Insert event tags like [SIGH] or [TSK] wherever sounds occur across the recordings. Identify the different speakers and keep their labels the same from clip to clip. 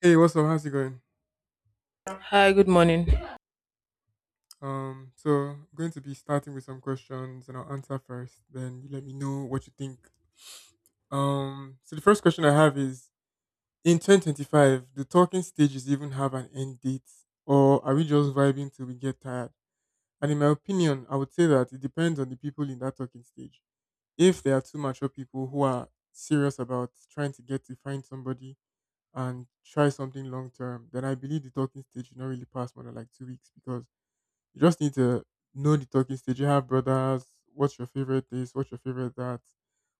Speaker 1: Hey, what's up? How's it going?
Speaker 2: Hi, good morning.
Speaker 1: So I'm going to be starting with some questions and I'll answer first, then you let me know what you think. So the first question I have is in 2025, do talking stages even have an end date or are we just vibing till we get tired? And in my opinion, I would say that it depends on the people in that talking stage. If there are too mature people who are serious about trying to get to find somebody and try something long term, then I believe the talking stage should not really pass more than like 2 weeks because you just need to know the talking stage. You have brothers. What's your favorite this? What's your favorite that?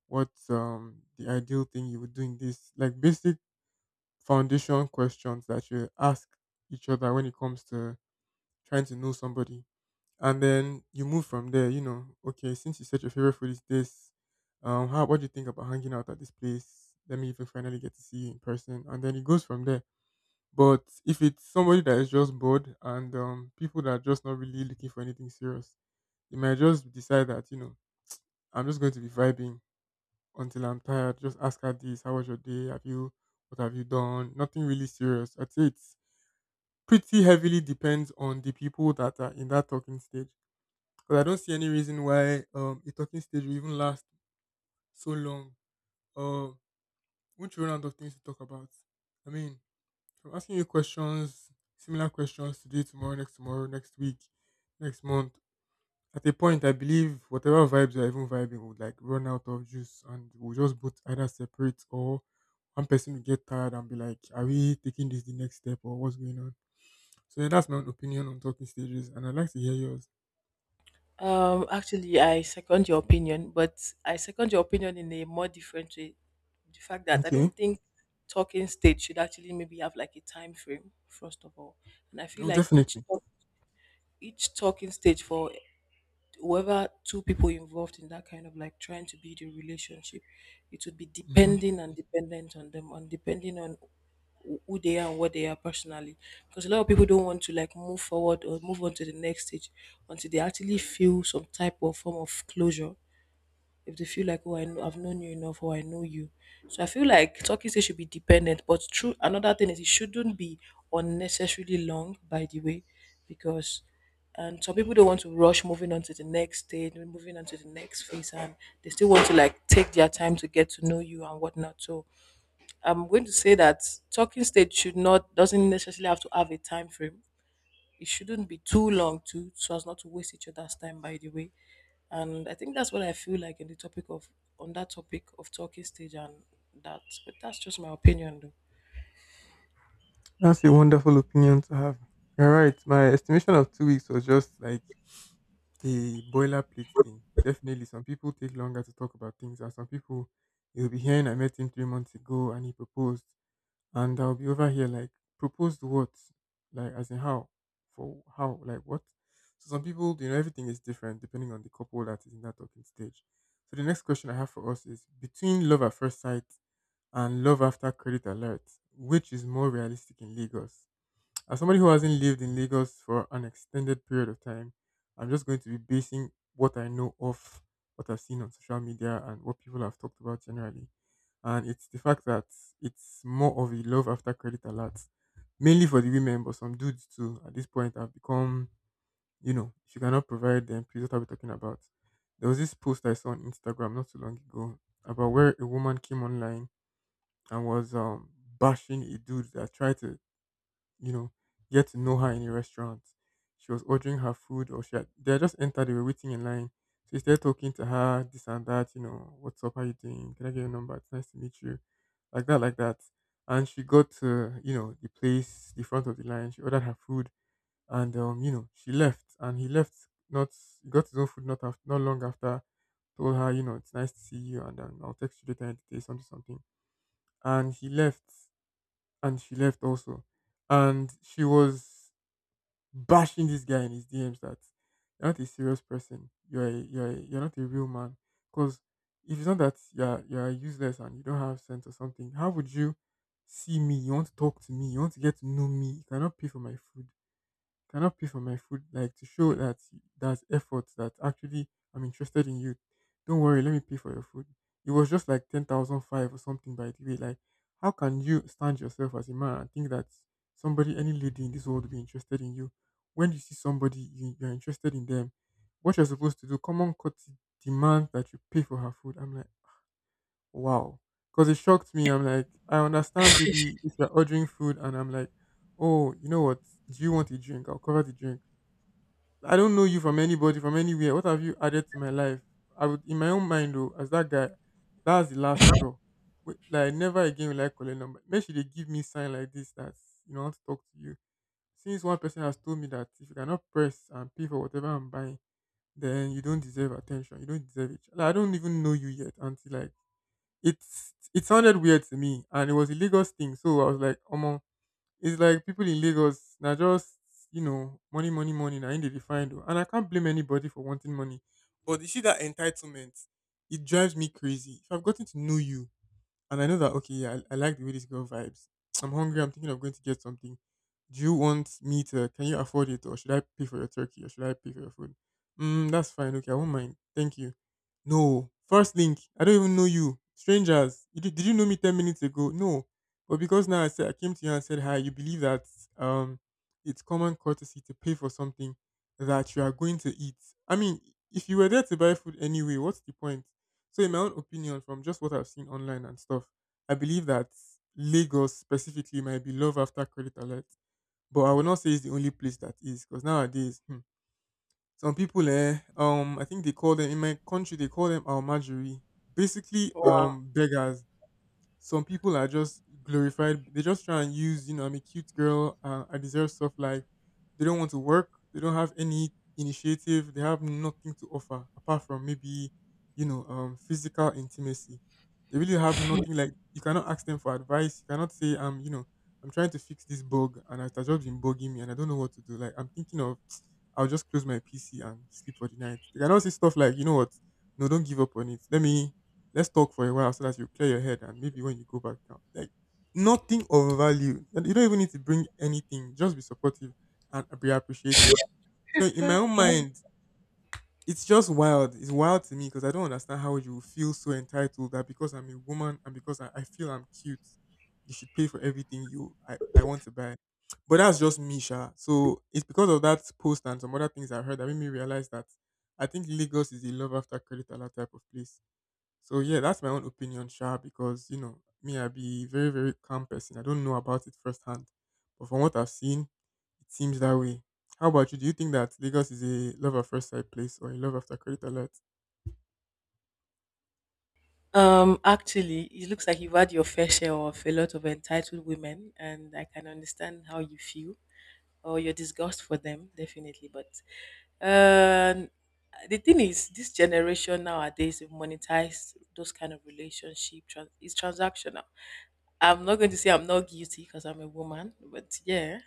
Speaker 1: What's the ideal thing you would do in this? Like basic foundation questions that you ask each other when it comes to trying to know somebody. And then you move from there, okay, since you said your favorite food is this, how what do you think about hanging out at this place? Let me even finally get to see you in person. And then it goes from there. But if it's somebody that is just bored and people that are just not really looking for anything serious, you might just decide that, I'm just going to be vibing until I'm tired. Just ask her this, how was your day? Have you what have you done? Nothing really serious. I'd say it's pretty heavily depends on the people that are in that talking stage. Because I don't see any reason why a talking stage will even last so long. Uh won't you run out of things to talk about? I mean, I'm asking you questions, similar questions today, tomorrow, next week, next month. At a point, I believe whatever vibes you are even vibing would like run out of juice and we'll just both either separate or one person will get tired and be like, are we taking this the next step or what's going on? So, yeah, that's my own opinion on talking stages and I'd like to hear yours.
Speaker 2: Actually, I second your opinion, but I second your opinion in a more different way. The fact that I
Speaker 1: Okay.
Speaker 2: don't think talking stage should actually maybe have like a time frame, first of all, and I feel
Speaker 1: Oh,
Speaker 2: like
Speaker 1: definitely.
Speaker 2: each talking stage for whoever two people involved in that kind of like trying to build a relationship, it would be
Speaker 1: Hmm.
Speaker 2: depending and dependent on them and depending on who they are and what they are personally. Because a lot of people don't want to like move forward or move on to the next stage until they actually feel some type of form of closure if they feel like, oh, I know, I've known you enough or I know you. So I feel like talking stage should be dependent. But true, another thing is it shouldn't be unnecessarily long, by the way, because and some people don't want to rush moving on to the next stage, moving on to the next phase, and they still want to like take their time to get to know you and whatnot. So I'm going to say that talking stage should not doesn't necessarily have to have a time frame. It shouldn't be too long too so as not to waste each other's time, by the way, and I think that's what I feel like in the topic of on that topic of talking stage and that. But that's just my opinion though.
Speaker 1: That's a wonderful opinion to have. You're right. My estimation of 2 weeks was just like a boilerplate thing. Definitely, some people take longer to talk about things, and some people you'll be hearing. I met him 3 months ago, and he proposed. And I'll be over here like proposed what, like as in how, for how, like what. So some people, everything is different depending on the couple that is in that talking stage. So the next question I have for us is between love at first sight and love after credit alert, which is more realistic in Lagos? As somebody who hasn't lived in Lagos for an extended period of time, I'm just going to be basing what I know off what I've seen on social media and what people have talked about generally. And it's the fact that it's more of a love after credit alert, mainly for the women, but some dudes too at this point have become, if you cannot provide them, please what are we talking about? There was this post I saw on Instagram not too long ago about where a woman came online and was bashing a dude that tried to you know, get to know her in a restaurant. She was ordering her food, or she had, they had just entered, they were waiting in line. So instead talking to her, this and that, what's up, how you doing? Can I get your number? It's nice to meet you. Like that, like that. And she got to, the place, the front of the line. She ordered her food and she left. And he left, not, he got his own food not, after, not long after told her, it's nice to see you, and I'll text you later in the day, something, something. And he left, and she left also. And she was bashing this guy in his DMs that you're not a serious person. You're not a real man. Because if it's not that you're useless and you don't have sense or something, how would you see me? You want to talk to me? You want to get to know me? You cannot pay for my food, like to show that that's effort, that actually I'm interested in you. Don't worry, let me pay for your food. It was just like 10,005 or something by the way. Like, how can you stand yourself as a man and think that somebody, any lady in this world, will be interested in you? When you see somebody, you, you're interested in them. What you're supposed to do, common courtesy demand that you pay for her food. I'm like, wow, because it shocked me. I'm like, I understand, baby, if you're ordering food, and I'm like, oh, you know what? Do you want a drink? I'll cover the drink. I don't know you from anybody, from anywhere. What have you added to my life? I would, in my own mind, though, as that guy, that's the last straw. Wait, like, never again will I call a number. Make sure they give me sign like this that, I want to talk to you. Since one person has told me that if you cannot press and pay for whatever I'm buying, then you don't deserve attention. You don't deserve it. Like, I don't even know you yet until, like, it's, it sounded weird to me. And it was a Lagos thing. So I was like, oh, it's like people in Lagos now just money, money, money. Now in the defined, and I can't blame anybody for wanting money, but you see that entitlement, it drives me crazy. If I've gotten to know you, and I know that okay, yeah, I like the way this girl vibes. [TSK] I'm hungry. I'm thinking of going to get something. Do you want me to? Can you afford it, or should I pay for your turkey, or should I pay for your food? Mm, that's fine. Okay, I won't mind. Thank you. No, first link. I don't even know you, strangers. You did you know me 10 minutes ago? No, but because now I said I came to you and said hi, you believe that um, it's common courtesy to pay for something that you are going to eat. I mean, if you were there to buy food anyway, what's the point? So, in my own opinion, from just what I've seen online and stuff, I believe that Lagos specifically might be love after credit alert. But I would not say it's the only place that is, because nowadays, hmm, some people, I think they call them in my country, they call them almajiri, basically,
Speaker 2: Wow.
Speaker 1: beggars. Some people are just glorified. They just try and use, I'm a cute girl. I deserve stuff like they don't want to work. They don't have any initiative. They have nothing to offer apart from maybe, physical intimacy. They really have nothing like you cannot ask them for advice. You cannot say, I'm trying to fix this bug and it has just been bugging me and I don't know what to do. Like I'm thinking of, [TSK] I'll just close my PC and sleep for the night. They cannot say stuff like, you know what, no, don't give up on it. Let me let's talk for a while so that you clear your head and maybe when you go back down. Like nothing of value. And you don't even need to bring anything. Just be supportive and be appreciative. So in my own mind, it's just wild. It's wild to me because I don't understand how you feel so entitled that because I'm a woman and because I feel I'm cute, you should pay for everything I want to buy. But that's just me, Sha. So it's because of that post and some other things I heard that made me realize that I think Lagos is a love after credit alert type of place. So yeah, that's my own opinion, Sha, because you know, me, I be very, very calm person. I don't know about it firsthand. But from what I've seen, it seems that way. How about you? Do you think that Lagos is a love at first sight place or a love after credit alert?
Speaker 2: Actually, it looks like you've had your fair share of a lot of entitled women, and I can understand how you feel or your disgust for them, definitely. But um, the thing is, this generation nowadays have monetized those kind of relationship. It's transactional. I'm not going to say I'm not guilty because I'm a woman, but yeah,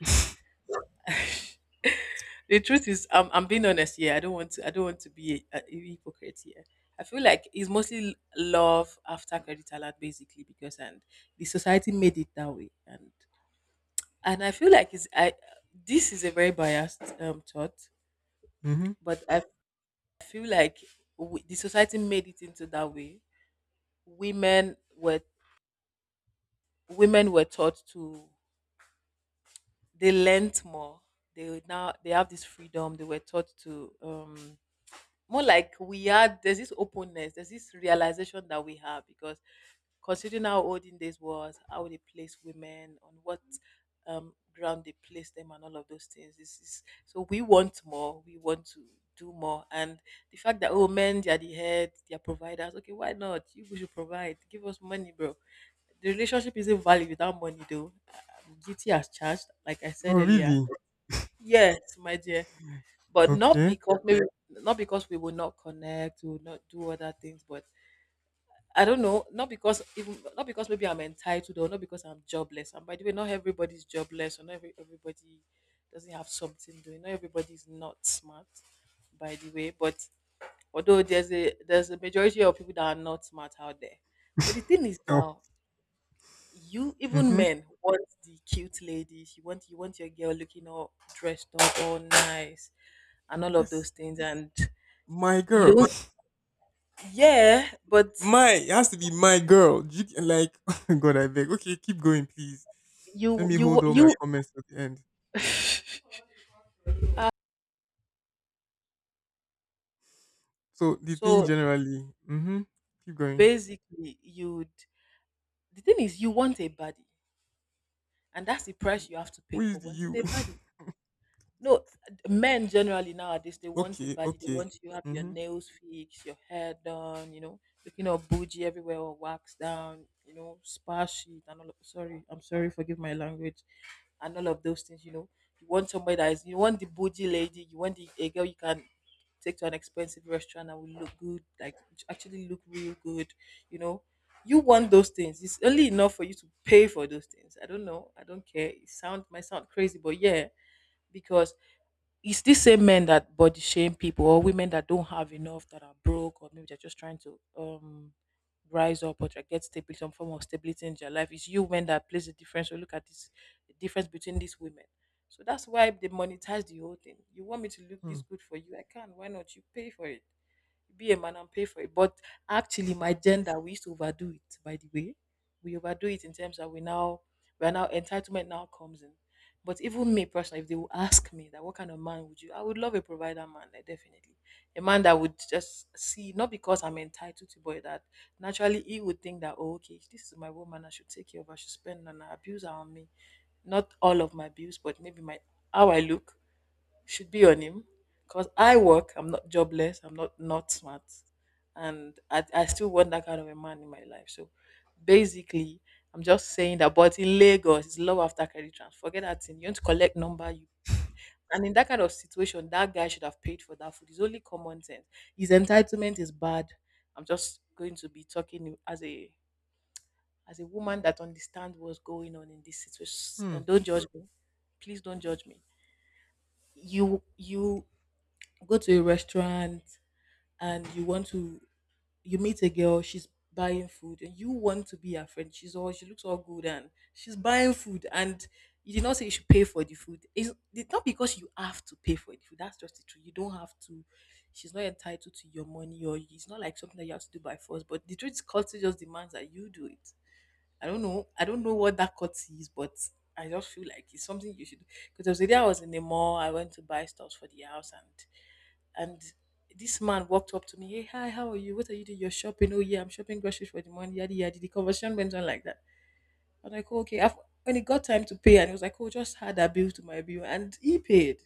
Speaker 2: the truth is I'm being honest here. I don't want to be a hypocrite here. I feel like it's mostly love after credit alert, basically. Because and the society made it that way, and I feel like it's I this is a very biased thought,
Speaker 1: Mm-hmm.
Speaker 2: but I feel like we, the society, made it into that way. Women were women were taught to they learnt more. They now they have this freedom. They were taught to more like we had there's this openness, there's this realization that we have because considering how olden days was, how they placed women, on what ground they placed them, and all of those things. This is so we want more, we want to do more, and the fact that, oh, men they are the head, they are providers. Okay, why not? You people should provide. Give us money, bro. The relationship isn't valid without money, though. Guilty as charged, like I said
Speaker 1: Oh
Speaker 2: earlier.
Speaker 1: really?
Speaker 2: Yes, my dear. But not
Speaker 1: Okay.
Speaker 2: because maybe not because we will not connect, we will not do other things, but I don't know, not because even not because maybe I'm entitled or not because I'm jobless. And by the way, not everybody's jobless or not everybody doesn't have something doing. Not everybody's not smart, by the way. But although there's a majority of people that are not smart out there. But the
Speaker 1: [LAUGHS]
Speaker 2: thing is
Speaker 1: Oh.
Speaker 2: now, you even
Speaker 1: Mm-hmm.
Speaker 2: men want the cute ladies. You want your girl looking all dressed up, all nice, and all of those
Speaker 1: Yes.
Speaker 2: things. And
Speaker 1: My
Speaker 2: you
Speaker 1: girl.
Speaker 2: don't yeah
Speaker 1: [LAUGHS]
Speaker 2: but
Speaker 1: My it has to be my girl. Do you- Like [LAUGHS] God, I beg. Okay, keep going, please. Let
Speaker 2: you
Speaker 1: me hold
Speaker 2: you
Speaker 1: all my
Speaker 2: you
Speaker 1: comments to the end.
Speaker 2: [LAUGHS]
Speaker 1: So the thing
Speaker 2: so
Speaker 1: generally, mm-hmm. Keep going.
Speaker 2: basically you'd the thing is you want a body, and that's the price you have to
Speaker 1: Who
Speaker 2: pay
Speaker 1: is
Speaker 2: for
Speaker 1: the
Speaker 2: wanting
Speaker 1: you?
Speaker 2: a body. No, men generally nowadays they want a
Speaker 1: Okay,
Speaker 2: body. They
Speaker 1: okay.
Speaker 2: want you to have your
Speaker 1: Mm-hmm.
Speaker 2: nails fixed, your hair done, you know, looking all bougie everywhere or waxed down, you know, spa sheet and all of, sorry, I'm sorry, forgive my language. And all of those things, you know. You want somebody that is you want the bougie lady, you want the a girl you can take to an expensive restaurant and will look good, like actually look real good, you know. You want those things. It's only enough for you to pay for those things. I don't know. I don't care. It sound might sound crazy, but yeah, because it's these same men that body shame people or women that don't have enough that are broke or maybe they're just trying to rise up or try get stability some form of stability in their life. It's you men that plays the difference. So look at this the difference between these women. So that's why they monetize the whole thing. You want me to look
Speaker 1: Hmm.
Speaker 2: this good for you? I can. Why not? You pay for it. Be a man and pay for it. But actually, my gender, we used to overdo it. By the way, we overdo it in terms that we now we are now entitlement now comes in. But even me personally, if they will ask me that what kind of man would you, I would love a provider man, like, definitely. A man that would just see, not because I'm entitled to, but that naturally he would think that, oh, okay, this is my woman, I should take care of her, I should spend on her, abuse her on me. Not all of my bills, but maybe my how I look should be on him because I work, I'm not jobless, I'm not not smart, and I still want that kind of a man in my life. So basically, I'm just saying that. But in Lagos, it's love after credit transfer. Forget that thing. You want to collect number, you keep. And in that kind of situation, that guy should have paid for that food. It's only common sense. His entitlement is bad. I'm just going to be talking as a woman that understands what's going on in this situation.
Speaker 1: Hmm.
Speaker 2: And don't judge me. Please don't judge me. You go to a restaurant and you want to you meet a girl, she's buying food and you want to be her friend, she's all she looks all good and she's buying food, and you did not say you should pay for the food. It's not because you have to pay for the food. That's just the truth. You don't have to. She's not entitled to your money, or it's not like something that you have to do by force, but the truth is culture just demands that you do it. I don't know, I don't know what that cut is, but I just feel like it's something you should. Because there was a day I was in the mall, I went to buy stuff for the house, and this man walked up to me, hey, hi, how are you? What are you doing? You're shopping? Oh, yeah, I'm shopping groceries for the money. Yadi, yadi. The conversation went on like that. I was like, oh, okay. When it got time to pay, and he was like, oh, just add that bill to my bill. And he paid.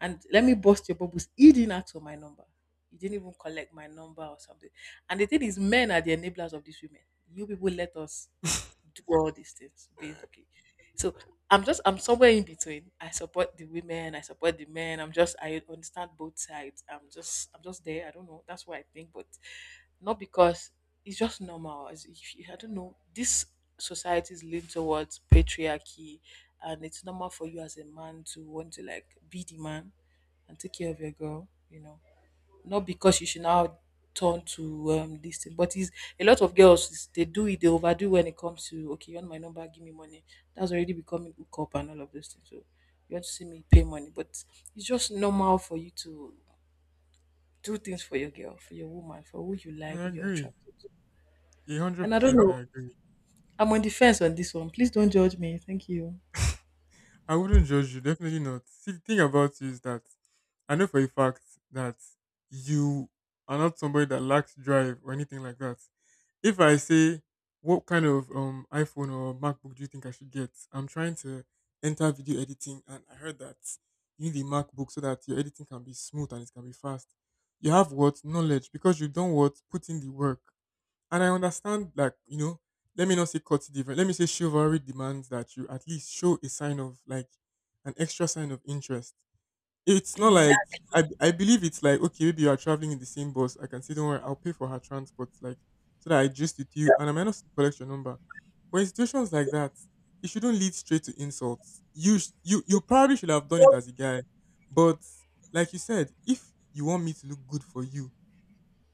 Speaker 2: And let me bust your bubbles. He didn't ask for my number. He didn't even collect my number or something. And the thing is, men are the enablers of these women. You people let us do all these things, basically. So I'm just I'm somewhere in between. I support the women, I support the men. I'm just I understand both sides. I'm just there. I don't know. That's what I think, but not because it's just normal. As if you, I don't know, this society is leaned towards patriarchy, and it's normal for you as a man to want to like be the man and take care of your girl, you know. Not because you should now turn to this thing, but it's a lot of girls they do it, they overdo when it comes to okay, you want my number, give me money. That's already becoming hookup and all of those things. So you want to see me pay money, but it's just normal for you to do things for your girl, for your woman, for who you like,
Speaker 1: I
Speaker 2: who you're
Speaker 1: agree.
Speaker 2: attracted to.
Speaker 1: A hundred
Speaker 2: And I don't
Speaker 1: percent
Speaker 2: know,
Speaker 1: I agree.
Speaker 2: I'm on the fence on this one. Please don't judge me. Thank you.
Speaker 1: I wouldn't judge you, definitely not. See the thing about you is that I know for a fact that you are not somebody that lacks drive or anything like that. If I say what kind of iPhone or MacBook do you think I should get? I'm trying to enter video editing and I heard that you need a MacBook so that your editing can be smooth and it can be fast. You have what? Knowledge because you don't what put in the work. And I understand, like, let me not say cut it different. Let me say chivalry demands that you at least show a sign of, like, an extra sign of interest. It's not like,
Speaker 2: Exactly.
Speaker 1: I believe it's like, okay, maybe you are traveling in the same bus. I can say, don't worry, I'll pay for her transport, like, so that I just with you. And I might not still collect your number. But in situations like that, it shouldn't lead straight to insults. You probably should have done it as a guy. But, like you said, if you want me to look good for you,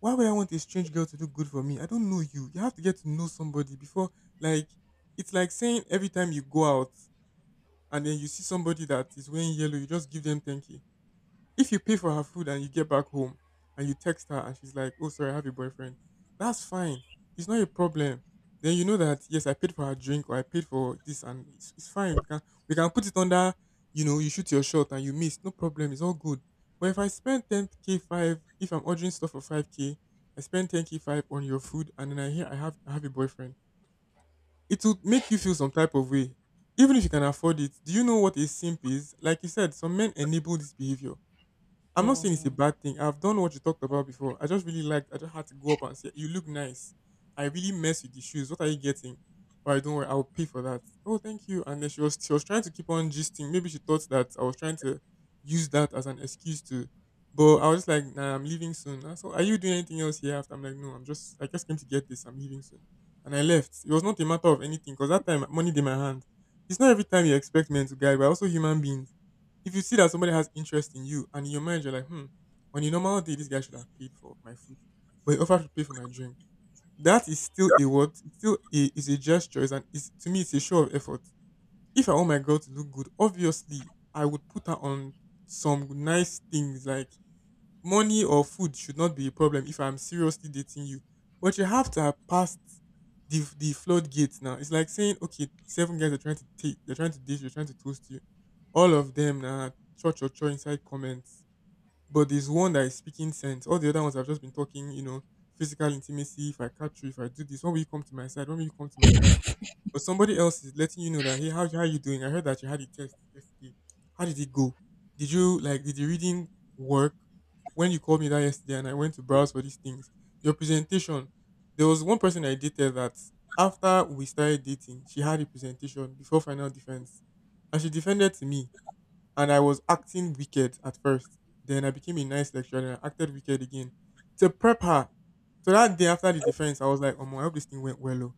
Speaker 1: why would I want a strange girl to do good for me? I don't know you. You have to get to know somebody before, like, it's like saying every time you go out and then you see somebody that is wearing yellow, you just give them 10K. If you pay for her food and you get back home and you text her and she's like, oh, sorry, I have a boyfriend, that's fine. It's not a problem. Then you know that, yes, I paid for her drink or I paid for this and it's fine. We can put it under, you shoot your shot and you miss. No problem. It's all good. But if I spend 10K 5, if I'm ordering stuff for 5K, I spend 10K 5 on your food and then I hear I have a boyfriend, it would make you feel some type of way. Even if you can afford it, do you know what a simp is? Like you said, some men enable this behavior. I'm not saying it's a bad thing. I've done what you talked about before. I just really liked. I just had to go up and say, "You look nice. I really mess with the shoes. What are you getting?" All right, don't worry. I'll pay for that. Oh, thank you. And then she was trying to keep on gisting. Maybe she thought that I was trying to use that as an excuse to. But I was just like, "Nah, I'm leaving soon." And so, are you doing anything else here? After I'm like, "No, I'm just. I just came to get this. I'm leaving soon." And I left. It was not a matter of anything because that time money in my hand. It's not every time you expect men to guide. We're also human beings. If you see that somebody has interest in you and in your mind you're like, hmm, on a normal day, this guy should have paid for my food, but he offered to pay for my drink. That is still a what? It's still a is a gesture. It's an is to me it's a show of effort. If I want my girl to look good, obviously I would put her on some nice things like money or food should not be a problem if I'm seriously dating you. But you have to have passed the floodgates now. It's like saying, okay, seven guys are trying to take, they're trying to date, they're trying to toast you. All of them now, cho cho cho inside comments. But there's one that is speaking sense. All the other ones have just been talking, physical intimacy. If I catch you, if I do this, when will you come to my side? When will you come to my side? But somebody else is letting you know that, hey, how you doing? I heard that you had a test yesterday. How did it go? Did you like did the reading work? When you called me that yesterday and I went to browse for these things, your presentation. There was one person I dated that after we started dating, she had a presentation before final defense, and she defended to me, and I was acting wicked at first. Then I became a nice lecturer, and I acted wicked again to prep her. So that day after the defense, I was like, "Oh, my, I hope this thing went well." Oh.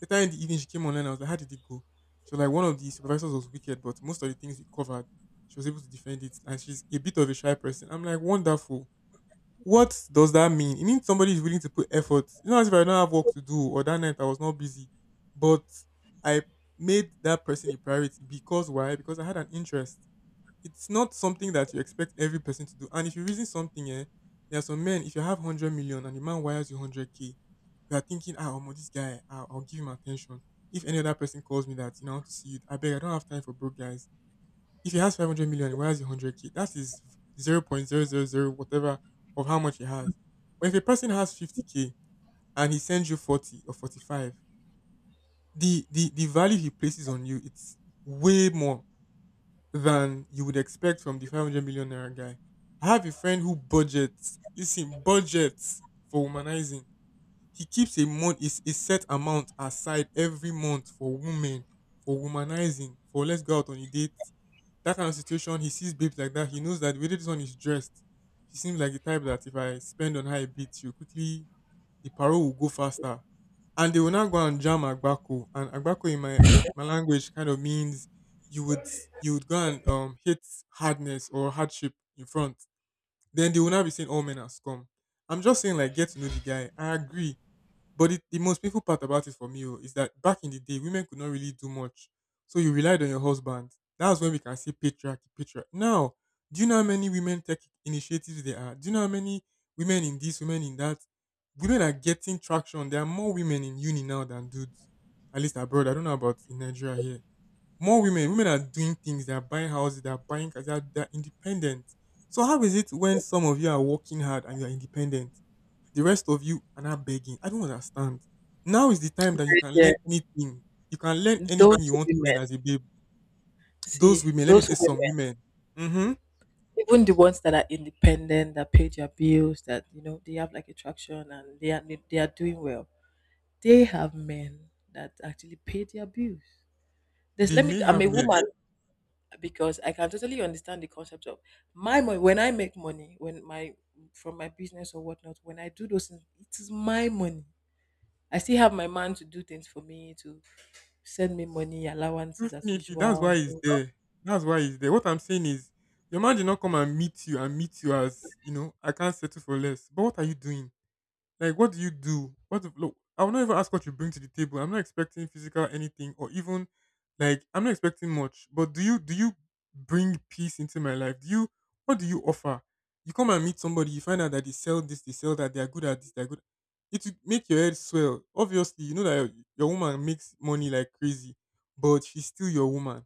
Speaker 1: Later in the evening, she came online. I was like, how did it go? She was like, one of the supervisors was wicked, but most of the things we covered, she was able to defend it. And she's a bit of a shy person. I'm like, wonderful. What does that mean? It means somebody is willing to put effort. You know, as if I don't have work to do or that night I was not busy. But I made that person a priority because why? Because I had an interest. It's not something that you expect every person to do. And if you reason something, eh, there are some men, if you have 100 million and the man wires you 100K, you are thinking, ah, Omo, this guy, I'll give him attention. If any other person calls me that, you know, I want to see you, I beg, I don't have time for broke guys. If he has 500 million, and wires you 100K, that is 0.000 whatever of how much he has. But if a person has 50K and he sends you 40 or 45, the value he places on you, it's way more than you would expect from the 500 million naira guy. I have a friend who budgets, listen, budgets for womanizing. He keeps a month is a set amount aside every month for women, for womanizing, for let's go out on a date. That kind of situation, he sees babes like that. He knows that the way this one is dressed, she seems like the type that if I spend on her a bit, she'll quickly the parole will go faster. And they will now go and jam Agbako. And Agbako in my my language kind of means you would go and hit hardness or hardship in front. Then they will not be saying all men are scum. I'm just saying like get to know the guy. I agree. But the most painful part about it for me oh, is that back in the day, women could not really do much. So you relied on your husband. That's when we can say patriarchy, patriarchy. Now, do you know how many women tech initiatives there are? Do you know how many women in this, women in that? Women are getting traction. There are more women in uni now than dudes. At least abroad. I don't know about in Nigeria here. More women. Women are doing things. They are buying houses. They are buying cars. They are independent. So how is it when some of you are working hard and you are independent? The rest of you are now begging. I don't understand. Now is the time that you can
Speaker 2: Mm.
Speaker 1: learn anything. You can learn anything you
Speaker 2: Those
Speaker 1: want to learn
Speaker 2: women,
Speaker 1: as a babe. Those
Speaker 2: See,
Speaker 1: women, let me
Speaker 2: those
Speaker 1: say some
Speaker 2: women,
Speaker 1: women, hmm
Speaker 2: even the ones that are independent, that pay their bills, that you know they have like attraction and they are doing well. They have men that actually pay their bills. There's
Speaker 1: they
Speaker 2: let me.
Speaker 1: may
Speaker 2: I'm
Speaker 1: have
Speaker 2: a
Speaker 1: men.
Speaker 2: woman because I can totally understand the concept of my money. When I make money, when my from my business or whatnot, when I do those things, it is my money. I still have my man to do things for me to send me money allowances as
Speaker 1: Definitely, that's
Speaker 2: usual
Speaker 1: why he's
Speaker 2: so,
Speaker 1: there. That's why he's there. What I'm saying is, your man did not come and meet you as, you know, I can't settle for less. But what are you doing? Like, what do you do? What if, look? I will not even ask what you bring to the table. I'm not expecting physical anything, or even like I'm not expecting much. But do you bring peace into my life? Do you what do you offer? You come and meet somebody, you find out that they sell this, they sell that, they are good at this, they're good. It will make your head swell. Obviously, you know that your woman makes money like crazy, but she's still your woman.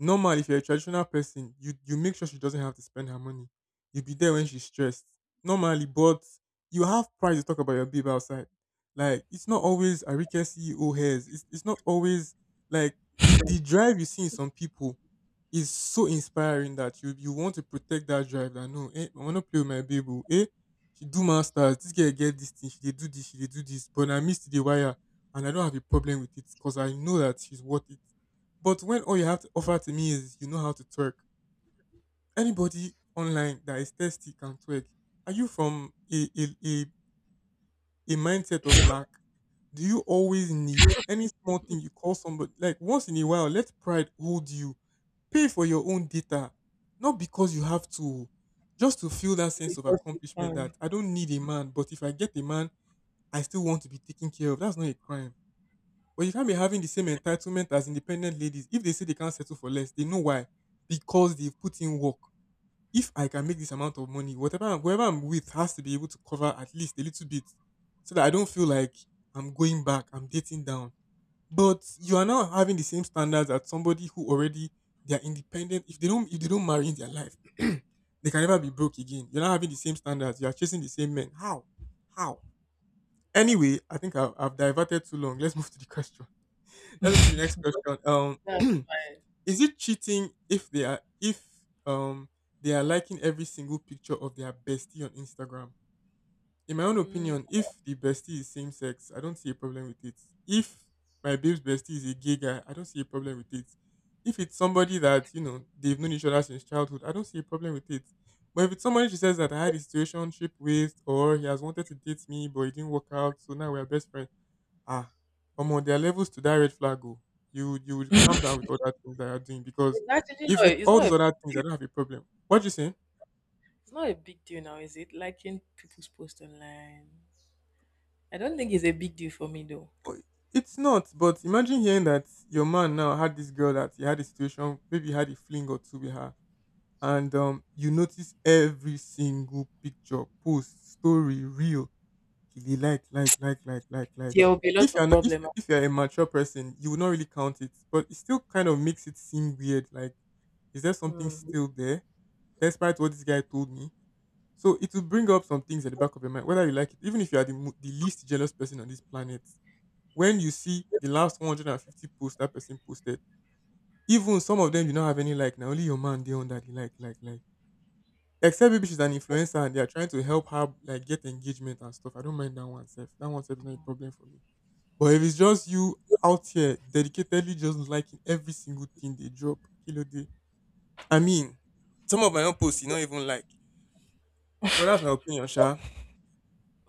Speaker 1: Normal, if you're a traditional person, you make sure she doesn't have to spend her money. You'll be there when she's stressed. Normally, but you have pride to talk about your babe outside. Like it's not always Arike CEO hairs. It's not always like the drive you see in some people is so inspiring that you want to protect that drive. That no, I wanna play with my babe. Oh, she do masters. This girl get this thing. She dey do this. She dey do this. But I missed the wire, and I don't have a problem with it because I know that she's worth it. But when all you have to offer to me is you know how to twerk, anybody online that is thirsty can twerk. Are you from a mindset of lack? Do you always need any small thing you call somebody? Like once in a while, let pride hold you. Pay for your own data, not because you have to, just to feel that sense of
Speaker 2: because you
Speaker 1: accomplishment
Speaker 2: can.
Speaker 1: that I don't need a man, but if I get a man, I still want to be taken care of. That's not a crime. But you can't be having the same entitlement as independent ladies. If they say they can't settle for less, they know why. Because they've put in work. If I can make this amount of money, whoever I'm with has to be able to cover at least a little bit so that I don't feel like I'm going back, I'm dating down. But you are now having the same standards as somebody who already they are independent. If they don't marry in their life, [CLEARS THROAT] they can never be broke again. You're not having the same standards. You are chasing the same men. How? How? Anyway, I think I've diverted too long. Let's [LAUGHS] move to the question. [LAUGHS] Let's move to the next question.
Speaker 2: That's
Speaker 1: [CLEARS THROAT]
Speaker 2: fine.
Speaker 1: Is it cheating if um they are liking every single picture of their bestie on Instagram? In my own
Speaker 2: Mm,
Speaker 1: opinion, if the bestie is same sex, I don't see a problem with it. If my babe's bestie is a gay guy, I don't see a problem with it. If it's somebody that they've known each other since childhood, I don't see a problem with it. But if it's somebody she says that I had a situationship with or he has wanted to date me but it didn't work out, so now we're best friends. Ah, on there are levels to that red flag go. You would calm down with all that things that you're doing because
Speaker 2: it's actually
Speaker 1: if
Speaker 2: not.
Speaker 1: it's
Speaker 2: It's
Speaker 1: all
Speaker 2: not a
Speaker 1: those
Speaker 2: big
Speaker 1: other things,
Speaker 2: deal.
Speaker 1: I don't have a problem. What you say?
Speaker 2: It's not a big deal now, is it? Liking people's post online. I don't think it's a big deal for me though.
Speaker 1: Oh, it's not, but imagine hearing that your man now had this girl that he had a situation, maybe he had a fling or two with her, and you notice every single picture, post, story, reel, he like, like.
Speaker 2: There will be a lot
Speaker 1: If you're
Speaker 2: of
Speaker 1: not, if
Speaker 2: problem.
Speaker 1: if you're a mature person, you will not really count it, but it still kind of makes it seem weird. Like, is there something
Speaker 2: Mm.
Speaker 1: still there, despite what this guy told me? So it will bring up some things at the back of your mind, whether you like it, even if you are the least jealous person on this planet when you see the last 150 posts that person posted, even some of them don't have any like, now only your man they on that he like, like. Except maybe she's an influencer and they are trying to help her like get engagement and stuff. I don't mind that one self. That one self is not a problem for me. But if it's just you out here dedicatedly just liking every single thing they drop, kilo day. I mean, some of my own posts you don't even like. But that's my opinion, Sha.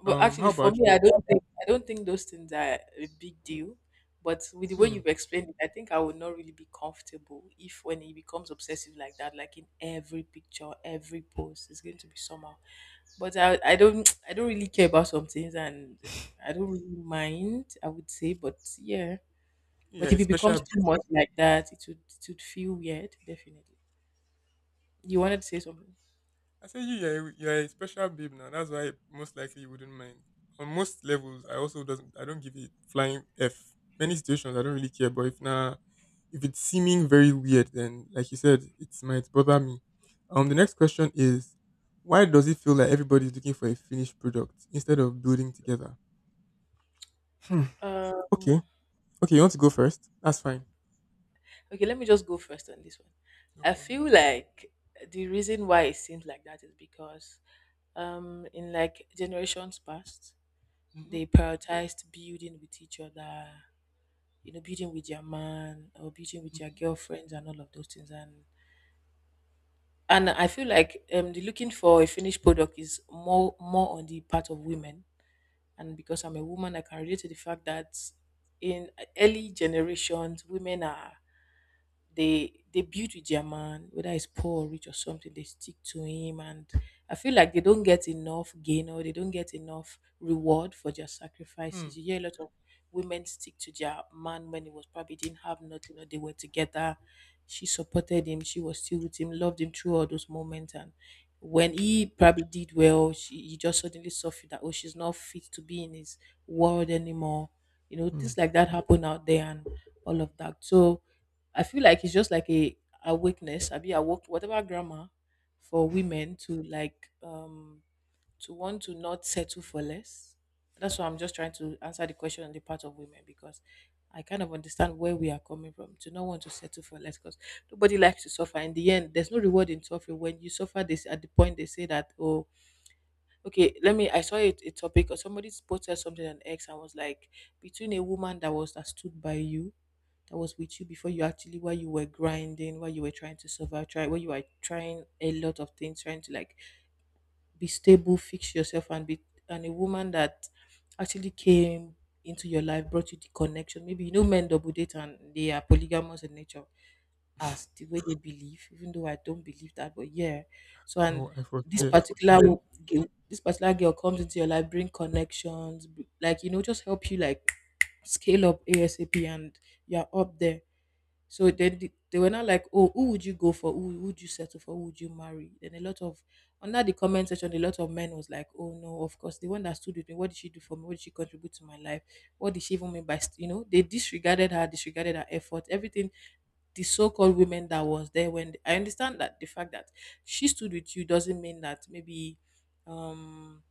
Speaker 2: But
Speaker 1: How
Speaker 2: actually, for
Speaker 1: about
Speaker 2: me, I
Speaker 1: you?
Speaker 2: don't think I don't think those things are a big deal. But with the way
Speaker 1: Hmm.
Speaker 2: you've explained it, I think I would not really be comfortable if when it becomes obsessive like that, like in every picture, every post, it's going to be somehow. But I don't [TSK] I don't really care about some things, and I don't really mind, I would say, but yeah.
Speaker 1: Yeah,
Speaker 2: But
Speaker 1: a
Speaker 2: if it becomes
Speaker 1: special
Speaker 2: too much like that, it would feel weird. Definitely. You wanted to say something?
Speaker 1: I said you're a special babe now. That's why most likely you wouldn't mind. On most levels, I also doesn't I don't give it flying F. Many situations I don't really care, but if it's seeming very weird, then like you said, it might bother me. The next question is why does it feel like everybody's looking for a finished product instead of building together? Hmm. Okay.
Speaker 2: Um.
Speaker 1: Okay, you want to go first? That's fine.
Speaker 2: Okay, let me just go first on this one.
Speaker 1: No
Speaker 2: I feel
Speaker 1: problem.
Speaker 2: like the reason why it seems like that is because in like generations past,
Speaker 1: Mm-hmm.
Speaker 2: they prioritized building with each other, you know, building with your man or building with your girlfriends and all of those things, and I feel like the looking for a finished product is more on the part of women. And because I'm a woman, I can relate to the fact that in early generations, women are they build with their man, whether it's poor or rich or something, they stick to him. And I feel like they don't get enough gain or they don't get enough reward for their
Speaker 1: Hmm.
Speaker 2: sacrifices. You hear a lot of women stick to their man when he was probably didn't have nothing or they were together. She supported him, she was still with him, loved him through all those moments. And when he probably did well, she he just suddenly suffered that oh, she's not fit to be in his world anymore. You know,
Speaker 1: Hmm.
Speaker 2: things like that happen out there and all of that. So I feel like it's just like a awakeness. I be awoke whatever grammar for women to like to want to not settle for less. That's why I'm just trying to answer the question on the part of women because I kind of understand where we are coming from to not want to settle for less because nobody likes to suffer. In the end, there's no reward in suffering. When you suffer, this at the point they say that, oh, okay, let me. I saw a topic or somebody posted something on X and was like, between a woman that was that stood by you that was with you before you actually while you were grinding while you were trying to survive try while you were trying a lot of things trying to like be stable fix yourself and be and a woman that actually came into your life brought you the connection, maybe you know men double date and they are polygamous in nature as the way they believe, even though I don't believe that, but yeah. So and
Speaker 1: Oh, I
Speaker 2: this
Speaker 1: forget.
Speaker 2: particular
Speaker 1: Mm-hmm.
Speaker 2: wo- girl- this particular girl comes into your life, bring connections b- like you know just help you like scale up asap and you're up there. So then the- they were not like, oh, who would you go for? Who would you settle for? Who would you marry? Then a lot of under the comment section, a lot of men was like, oh no, of course, the one that stood with me. What did she do for me? What did she contribute to my life? What did she even mean by st-" you know? They disregarded her effort, everything. The so-called women that was there when I understand that the fact that she stood with you doesn't mean that maybe um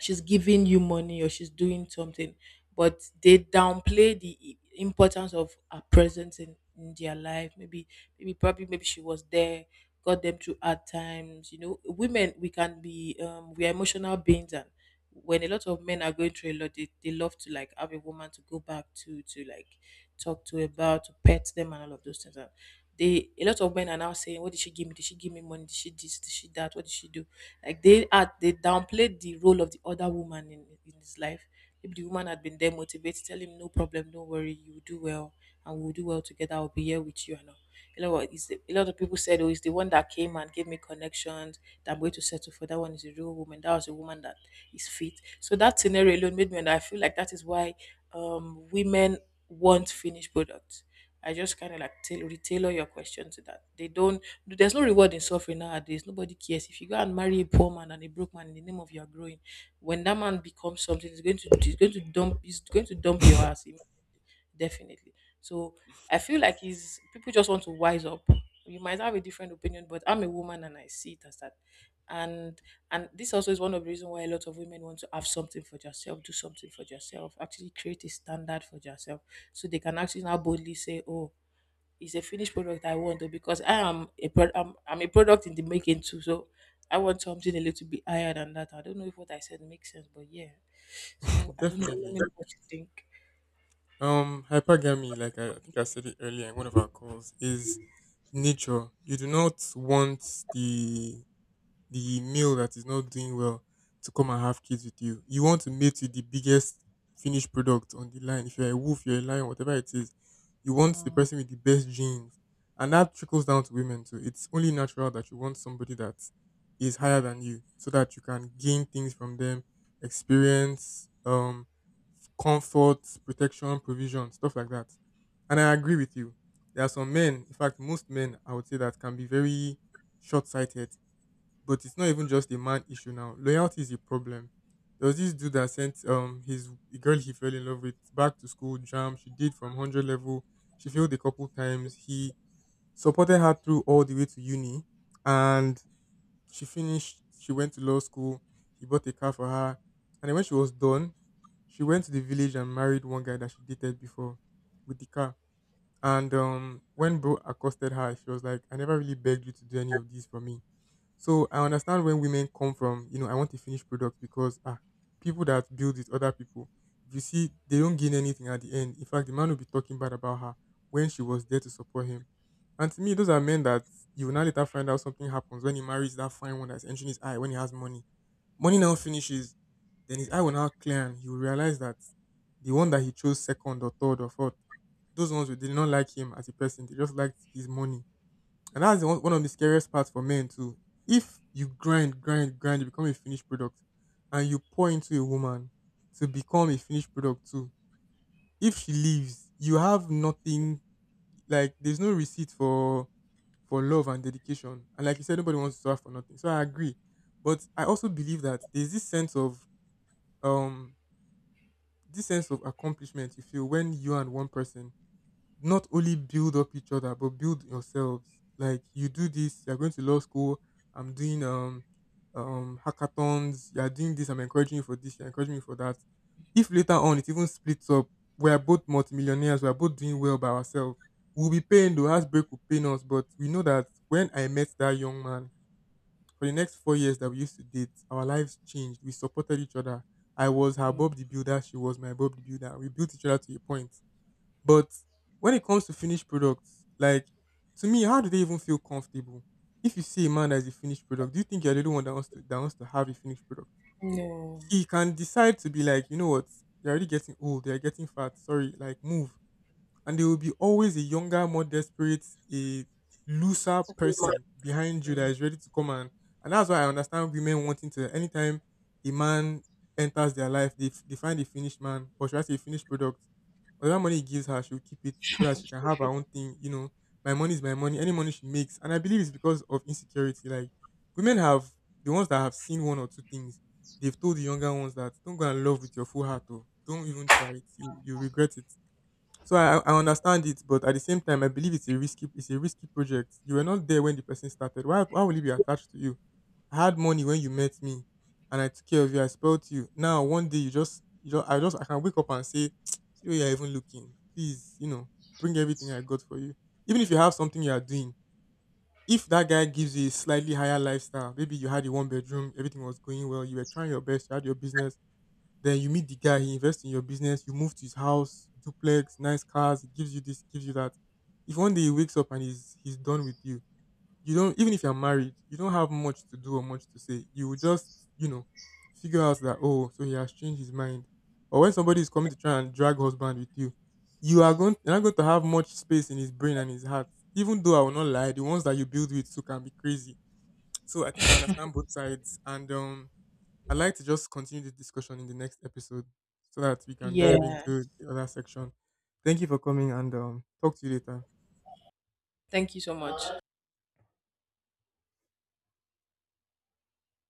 Speaker 2: she's giving you money or she's doing something, but they downplay the I- importance of her presence in their life. Maybe maybe probably maybe she was there, got them through hard times, you know, women we can be we are emotional beings. And when a lot of men are going through a lot, they love to like have a woman to go back to like talk to, about to pet them and all of those things. And they a lot of men are now saying what did she give me, did she give me money, did she this did she that, what did she do, like they had they downplayed the role of the other woman in his life. Maybe the woman had been there motivated, tell him no problem, don't worry, you will do well and we'll do well together. I'll be here with you and all. You know what? It's the, a lot of people said, oh, it's the one that came and gave me connections that I'm going to settle for. That one is a real woman. That was a woman that is fit. So that scenario alone made me and I feel like that is why women want finished products. I just kind of like tail retailor your question to that. They don't there's no reward in suffering nowadays. Nobody cares. If you go and marry a poor man and a broke man in the name of your growing, when that man becomes something, he's going to dump he's going to dump your ass im- definitely. So I feel like he's people just want to wise up. You might have a different opinion, but I'm a woman and I see it as that. And and this also is one of the reasons why a lot of women want to have something for yourself, do something for yourself, actually create a standard for yourself. So they can actually now boldly say, oh, it's a finished product I want, though, because I am a pro- I'm a product in the making too. So I want something a little bit higher than that. I don't know if what I said makes sense, but yeah. So
Speaker 1: [LAUGHS]
Speaker 2: I don't know. Let me
Speaker 1: Definitely.
Speaker 2: know what you think.
Speaker 1: Hypergamy, like I think I said it earlier in one of our calls, is nature. You do not want the the male that is not doing well to come and have kids with you. You want to mate with the biggest finished product on the line. If you're a wolf, you're a lion, whatever it is, you want the person with the best genes. And that trickles down to women too. It's only natural that you want somebody that is higher than you so that you can gain things from them, experience, comfort, protection, provision, stuff like that. And I agree with you. There are some men, in fact, most men, I would say, that can be very short sighted, but it's not even just a man issue now. Loyalty is a problem. There was this dude that sent his the girl he fell in love with back to school jam. She did from 100 level. She failed a couple times. He supported her through all the way to uni, and she finished. She went to law school. He bought a car for her, and then when she was done, she went to the village and married one guy that she dated before with the car. And when bro accosted her, she was like, "I never really begged you to do any of these for me." So I understand when women come from I want a finished product because people that build it, other people, if you see, they don't gain anything at the end. In fact, the man will be talking bad about her when she was there to support him. And to me, those are men that you will now later find out something happens when he marries that fine one that's entering his eye when he has money. Money now finishes, then his eye will now clear and he will realize that the one that he chose second or third or fourth, those ones who did not like him as a person, they just liked his money. And that's one of the scariest parts for men too. If you grind, grind, grind, you become a finished product and you pour into a woman to become a finished product too. If she leaves, you have nothing, like there's no receipt for love and dedication. And like you said, nobody wants to suffer for nothing. So I agree. But I also believe that there's um this sense of accomplishment you feel when you and one person not only build up each other but build yourselves. Like, you do this, you're going to law school, I'm doing hackathons, you're doing this, I'm encouraging you for this, you're encouraging me for that. If later on it even splits up, we're both multimillionaires, we're both doing well by ourselves. We'll be paying The heartbreak will pain us, but we know that when I met that young man for the next 4 years that we used to date, our lives changed, we supported each other. I was her
Speaker 2: Mm.
Speaker 1: Bob the Builder, she was my Bob the Builder. We built each other to a point. But when it comes to finished products, like, to me, how do they even feel comfortable? If you see a man as a finished product, do you think you're the only one that wants to have a finished product?
Speaker 2: No.
Speaker 1: He can decide to be like, you know what, you're already getting old, you're getting fat, sorry, like move. And there will be always a younger, more desperate, a looser person behind you that
Speaker 2: Mm.
Speaker 1: is ready to come, and that's why I understand women wanting to anytime a man enters their life, they find a finished man, or should I say a finished product, or that money he gives her, she'll keep it so that she can have her own thing. You know, my money is my money. Any money she makes, and I believe it's because of insecurity. Like, women have the ones that have seen one or two things, they've told the younger ones that don't go and love with your full heart. Or don't even try it. You regret it. So I understand it, but at the same time, I believe it's a risky project. You were not there when the person started. Why will he be attached to you? I had money when you met me, and I took care of you. I spoilt you. Now one day you just I can wake up and say, [TSK] see where you're even looking. Please bring everything I got for you. Even if you have something you are doing, if that guy gives you a slightly higher lifestyle, maybe you had a one bedroom, everything was going well, you were trying your best, you had your business, then you meet the guy, he invests in your business, you move to his house, duplex, nice cars, he gives you this, gives you that. If one day he wakes up and he's done with you, you don't, even if you're married, you don't have much to do or much to say. You will just, you know, figure out that oh, so he has changed his mind. Or when somebody is coming to try and drag husband with you, you are going you're not going to have much space in his brain and his heart. Even though I will not lie, the ones that you build with too can be crazy. So I think I understand both sides, and I'd like to just continue this discussion in the next episode so that we can dive
Speaker 2: Yeah.
Speaker 1: into the other section. Thank you for coming, and talk to you later.
Speaker 2: Thank you so much.